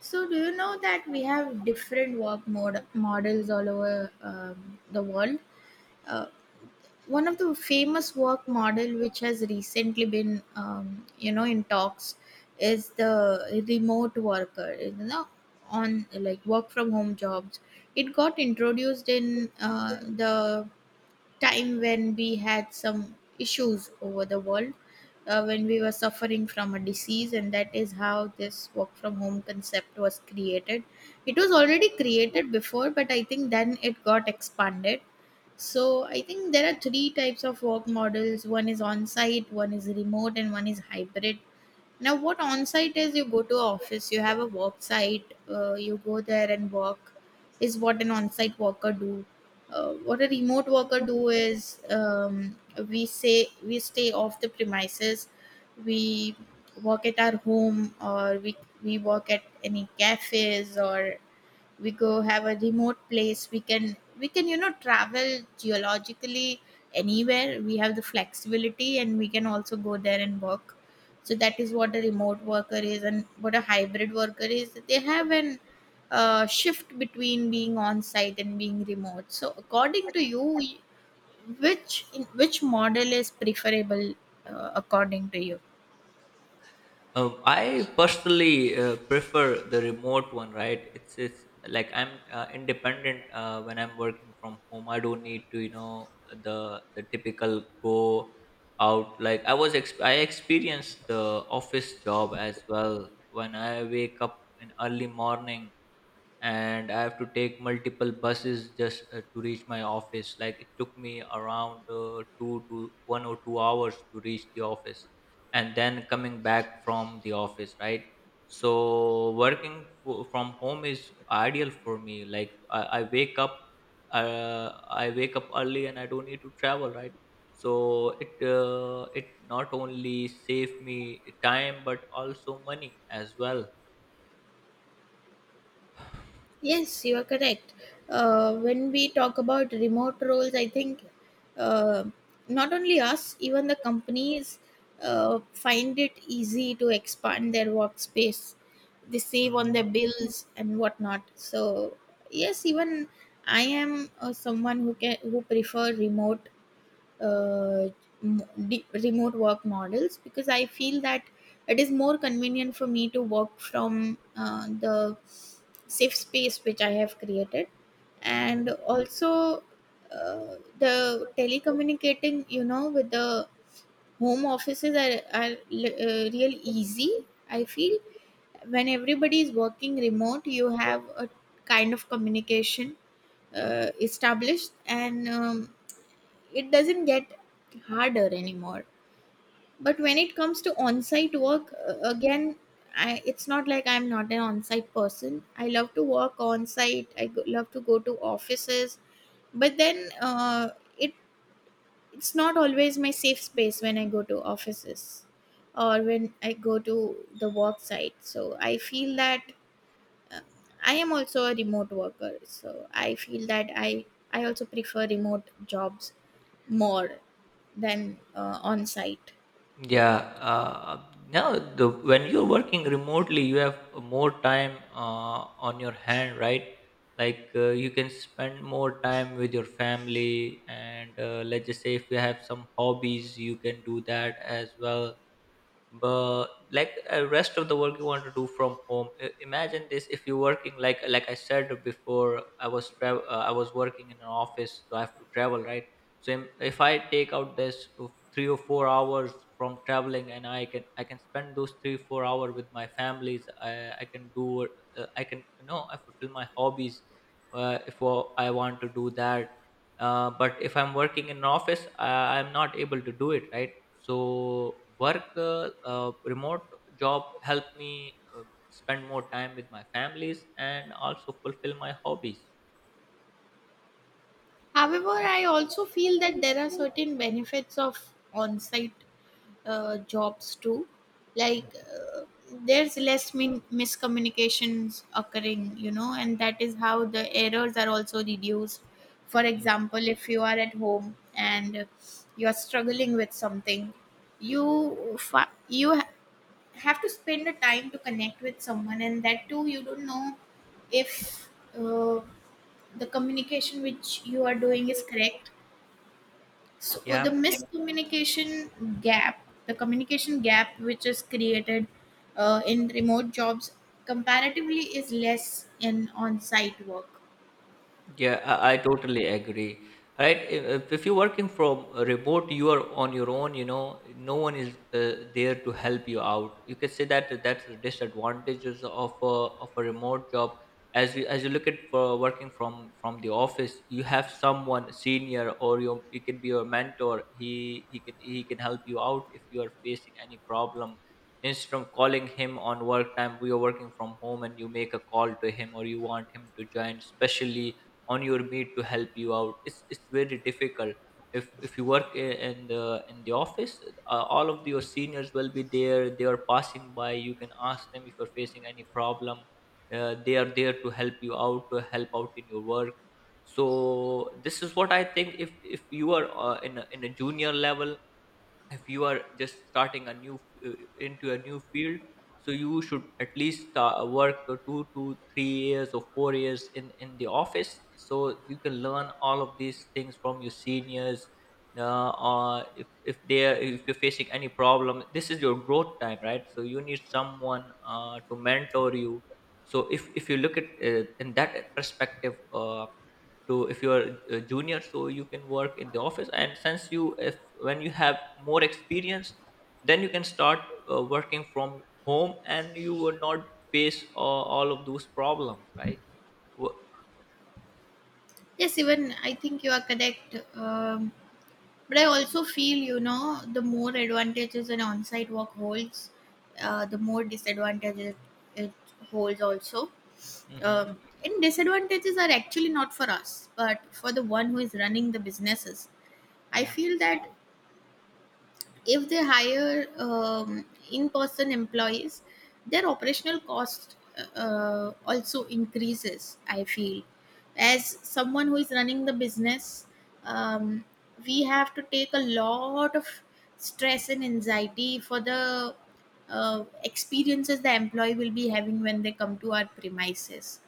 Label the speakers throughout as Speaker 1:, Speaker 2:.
Speaker 1: So, do you know that we have different models all over the world? Uh, One of the famous work model which has recently been, in talks is the remote worker, on like work from home jobs. It got introduced in the time when we had some issues over the world when we were suffering from a disease, and that is how this work from home concept was created. It was already created before, but I think then it got expanded. So I think there are three types of work models: one is on site, one is remote, and one is hybrid. Now, what on site is, you go to a office, you have a work site, you go there and work, is what an on site worker do. What a remote worker do is, we say we stay off the premises, we work at our home, or we work at any cafes, or we go have a remote place. We can you know travel geologically anywhere. We have the flexibility, and we can also go there and work. So that is what a remote worker is. And what a hybrid worker is, they have an shift between being on site and being remote. So according to you, which in which model is preferable, according to you?
Speaker 2: I personally prefer the remote one, right? It's like I'm independent when I'm working from home. I don't need to, the typical go out. Like I experienced the office job as well. When I wake up in early morning, and I have to take multiple buses just to reach my office. Like it took me around 2 to 1 or 2 hours to reach the office, and then coming back from the office, right? So working from home is ideal for me. Like I wake up, I wake up early, and I don't need to travel, right? So it not only save me time but also money as well.
Speaker 1: Yes, you are correct. When we talk about remote roles, I think uh, not only us, even the companies find it easy to expand their workspace. They save on
Speaker 2: Mhm.
Speaker 1: their bills and whatnot. So yes, even I am someone who can who prefer remote uh, remote work models, because I feel that it is more convenient for me to work from the safe space which I have created, and
Speaker 2: Mhm.
Speaker 1: also the telecommunicating, you know, with the home offices are real easy. I feel when everybody is working remote, you have a kind of communication established, and it doesn't get harder anymore. But when it comes to on-site work, again, it's not like I'm not an on-site person. I love to work on-site. Love to go to offices, but then it it's not always my safe space when I go to offices or when I go to the work site. So I feel that I am also a remote worker, so I feel that I also prefer remote jobs more than on site.
Speaker 2: Yeah, now the when you're working remotely, you have more time on your hand, right? Like you can spend more time with your family, and let's just say if you have some hobbies, you can do that as well but like rest of the work you want to do from home. Imagine this. If you're working like I said before, I was working in an office, so I have to travel, right? So if I take out this of 3 or 4 hours from traveling, and I can spend those 3 4 hours with my families. I can do I can, you know, I fulfill my hobbies if I want to do that. But if I'm working in an office, I'm not able to do it, right? So work remote job helped me spend more time with my families and also fulfill my hobbies.
Speaker 1: However, I also feel that there are certain benefits of on site jobs too. Like
Speaker 2: Mm,
Speaker 1: there's less miscommunications occurring, you know, and that is how the errors are also reduced. For
Speaker 2: mm.
Speaker 1: example, if you are at home and you are struggling with something, you fa- you ha- have to spend the time to connect with someone, and that too you don't know if uh, the communication which you are doing is correct. So the
Speaker 2: Yeah.
Speaker 1: miscommunication gap, the communication gap which is created in remote jobs comparatively is less in on-site work.
Speaker 2: Yeah, I totally agree. Right? If you're working from a remote, you are on your own. You know, no one is there to help you out. You can say that that's the disadvantages of of a remote job. As you look at for working from the office, you have someone senior or your it can be your mentor. He can help you out if you are facing any problem. Instead of calling him on work time, we are working from home, and you make a call to him or you want him to join, especially on your mate to help you out, it's very difficult if you work in the office. All of your seniors will be there. They are passing by. You can ask them if you're facing any problem. They are there to help you out, to help out in your work. So this is what I think. If you are in in a junior level, if you are just starting a new uh, into a new field, so you should at least work for 2 to 3 years or 4 years in the office, so you can learn all of these things from your seniors. Or if they are, if you're facing any problem, this is your growth time, right? So you need someone to mentor you. So if you look at in that perspective, to if you're a junior, so you can work in the office, and since you if when you have more experience, then you can start working from home, and you will not face all of those problems, right? Wo-
Speaker 1: Yes, even I think you are correct. But I also feel, you know, the more advantages an on-site work holds, the more disadvantages it holds also.
Speaker 2: Mhm.
Speaker 1: And disadvantages are actually not for us, but for the one who is running the businesses. I
Speaker 2: Yeah.
Speaker 1: feel that if they hire in-person employees, their operational cost also increases, I feel. As someone who is running the business, um, we have to take a lot of stress and anxiety for the experiences the employee will be having when they come to our premises.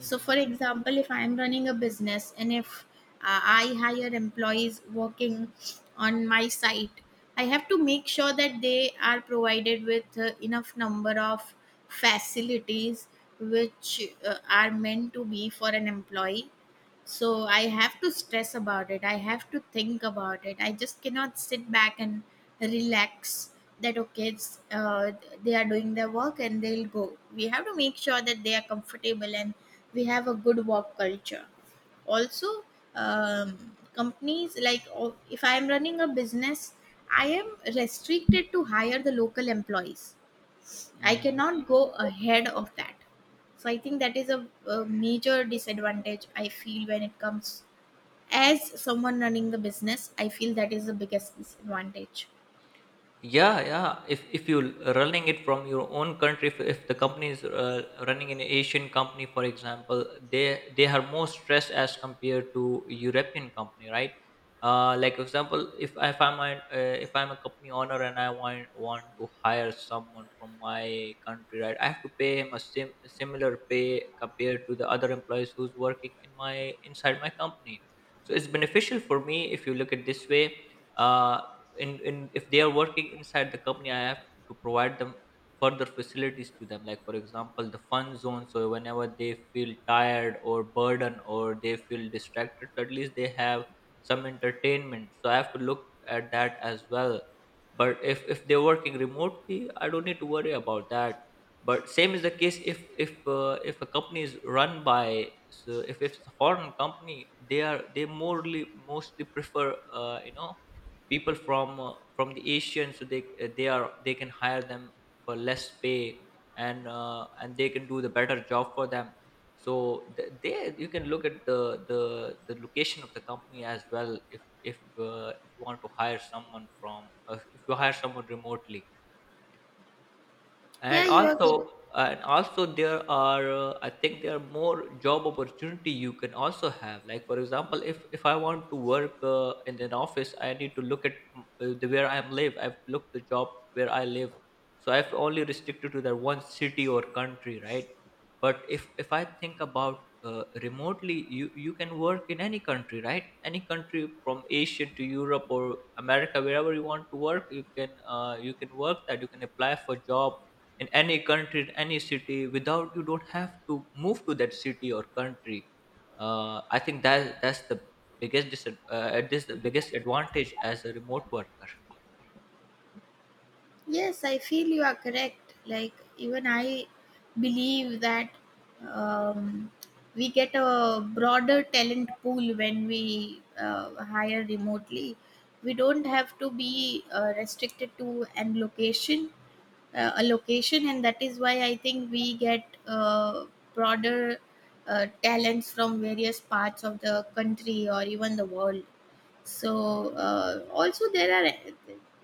Speaker 1: So, for example, if I am running a business and if I hire employees working on my site, I have to make sure that they are provided with enough number of facilities which are meant to be for an employee. So I have to stress about it, I have to think about it. I just cannot sit back and relax that okay, they are doing their work and they'll go. We have to make sure that they are comfortable and we have a good work culture also. Companies like oh, if I am running a business, I am restricted to hire the local employees. I
Speaker 2: Hmm.
Speaker 1: cannot go ahead of that. So I think that is a major disadvantage I feel when it comes as someone running the business. I feel that is the biggest disadvantage.
Speaker 2: Yeah, yeah. If you're running it from your own country, if the company is running an Asian company, for example, they are more stressed as compared to European company, right? Like for example, if I'm if I'm a company owner and I want to hire someone from my country, right? I have to pay him a similar pay compared to the other employees who's working in my inside my company. So it's beneficial for me if you look at this way. Uh, in if they are working inside the company, I have to provide them further facilities to them, like for example the fun zone. So whenever they feel tired or burdened or they feel distracted, so at least they have some entertainment, so I have to look at that as well. But if they're working remotely, I don't need to worry about that. But same is the case if if a company is run by, so if it's a foreign company, they morely mostly prefer you know, people from the Asian. So they can hire them for less pay, and they can do the better job for them. So there you can look at the the location of the company as well. If if you want to hire someone from if you hire someone remotely,
Speaker 1: Yeah,
Speaker 2: and
Speaker 1: you are correct.
Speaker 2: also and also there are I think there are more job opportunity you can also have. Like for example, if I want to work in an office, I need to look at the where I live. I've looked the job where I live. So I've only restricted to that one city or country, right? But if I think about remotely, you can work in any country, right? Any country from Asia to Europe or America, wherever you want to work, you can work that, you can apply for job in any country, in any city, without you don't have to move to that city or country. I think that that's the biggest this the biggest advantage as a remote worker.
Speaker 1: Yes, I feel you are correct. Like even I believe that, um, we get a broader talent pool when we hire remotely. We don't have to be restricted to an location a location, and that is why I think we get broader talents from various parts of the country or even the world. So also there are,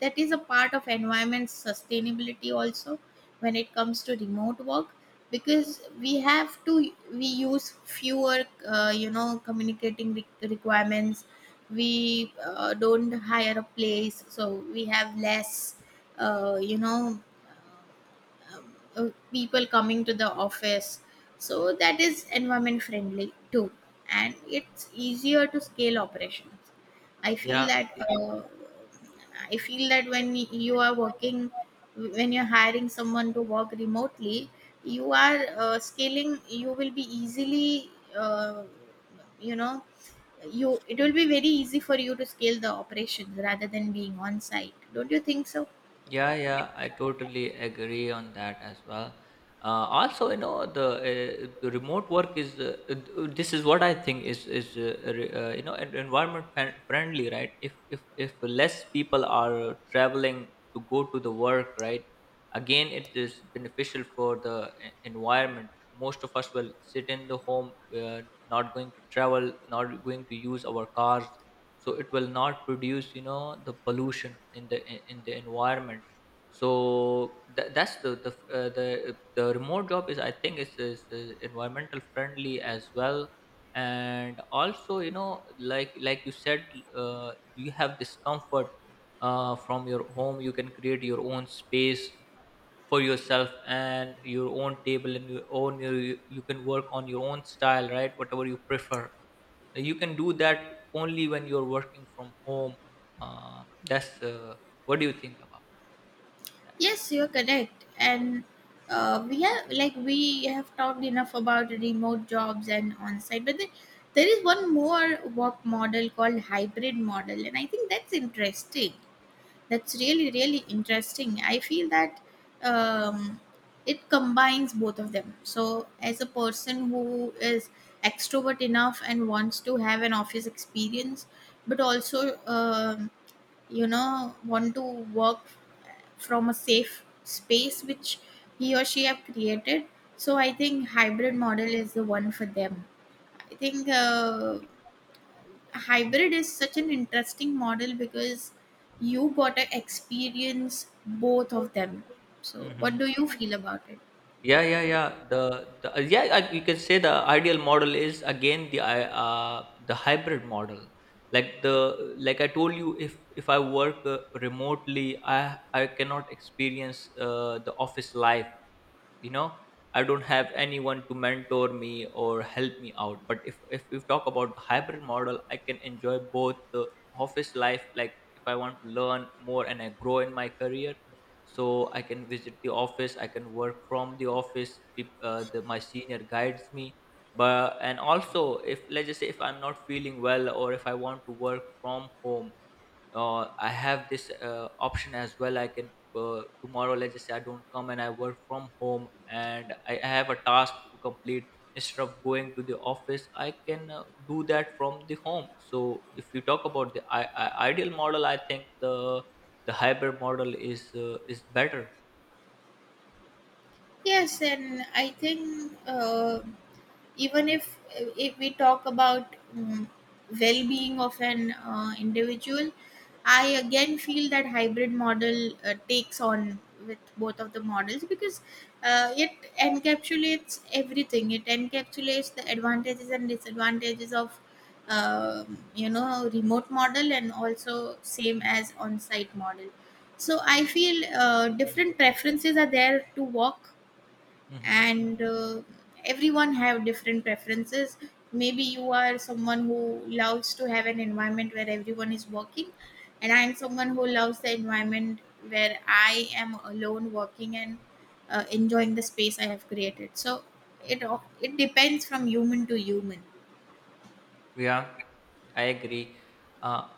Speaker 1: that is a part of environment sustainability also when it comes to remote work, because we have to we use fewer communicating requirements. We don't hire a place, so we have less uh, you know um, people coming to the office, so that is environment friendly too. And it's easier to scale operations. I feel
Speaker 2: Yeah.
Speaker 1: that I feel that when you are working, when you're hiring someone to work remotely, you are scaling. You will be easily uh, you know you it will be very easy for you to scale the operations rather than being on site. Don't you think so?
Speaker 2: Yeah, yeah, I totally agree on that as well. Also, you know, the remote work is this is what I think is you know, environment friendly, right? If less people are traveling to go to the work, right? Again, it is beneficial for the environment. Most of us will sit in the home, uh, not going to travel, not going to use our cars, so it will not produce, you know, the pollution in the environment. So that's the remote job is, I think, is environmental friendly as well. And also, you know, like you said, you have discomfort from your home. You can create your own space for yourself and your own table and your own. You can work on your own style, right, whatever you prefer. Like, you can do that only when you're working from home. That's What do you think about that?
Speaker 1: Yes, you're correct. And we have, like we have talked enough about remote jobs and on-site, but the, there is one more work model called hybrid model, and I think that's interesting. That's really really interesting. I feel that, um, it combines both of them. So as a person who is extrovert enough and wants to have an office experience, but also, want to work from a safe space which he or she have created, so I think hybrid model is the one for them. I think hybrid is such an interesting model, because you got to experience both of them. So what
Speaker 2: Mm-hmm.
Speaker 1: do you feel about it?
Speaker 2: Yeah. Yeah, yeah, the yeah, you can say the ideal model is again the hybrid model. Like the like I told you, if I work remotely, I cannot experience the office life, you know. I don't have anyone to mentor me or help me out. But if we talk about the hybrid model, I can enjoy both the office life. Like if I want to learn more and I grow in my career, so I can visit the office, I can work from the office. My senior guides me. But and also if let's just say if I'm not feeling well or if I want to work from home, I have this option as well. I can tomorrow, let's just say I don't come and I work from home, and I have a task to complete instead of going to the office. I can do that from the home. So if you talk about the ideal model, I think the hybrid model is better.
Speaker 1: Yes, and I think even if we talk about, well-being of an individual, I again feel that hybrid model takes on with both of the models, because it encapsulates everything. It encapsulates the advantages and disadvantages of you know remote model, and also same as on-site model. So I feel different preferences are there to work,
Speaker 2: Hmm.
Speaker 1: and everyone have different preferences. Maybe you are someone who loves to have an environment where everyone is working, and I am someone who loves the environment where I am alone working and enjoying the space I have created. So it depends from human to human.
Speaker 2: Yeah, I agree. Uh,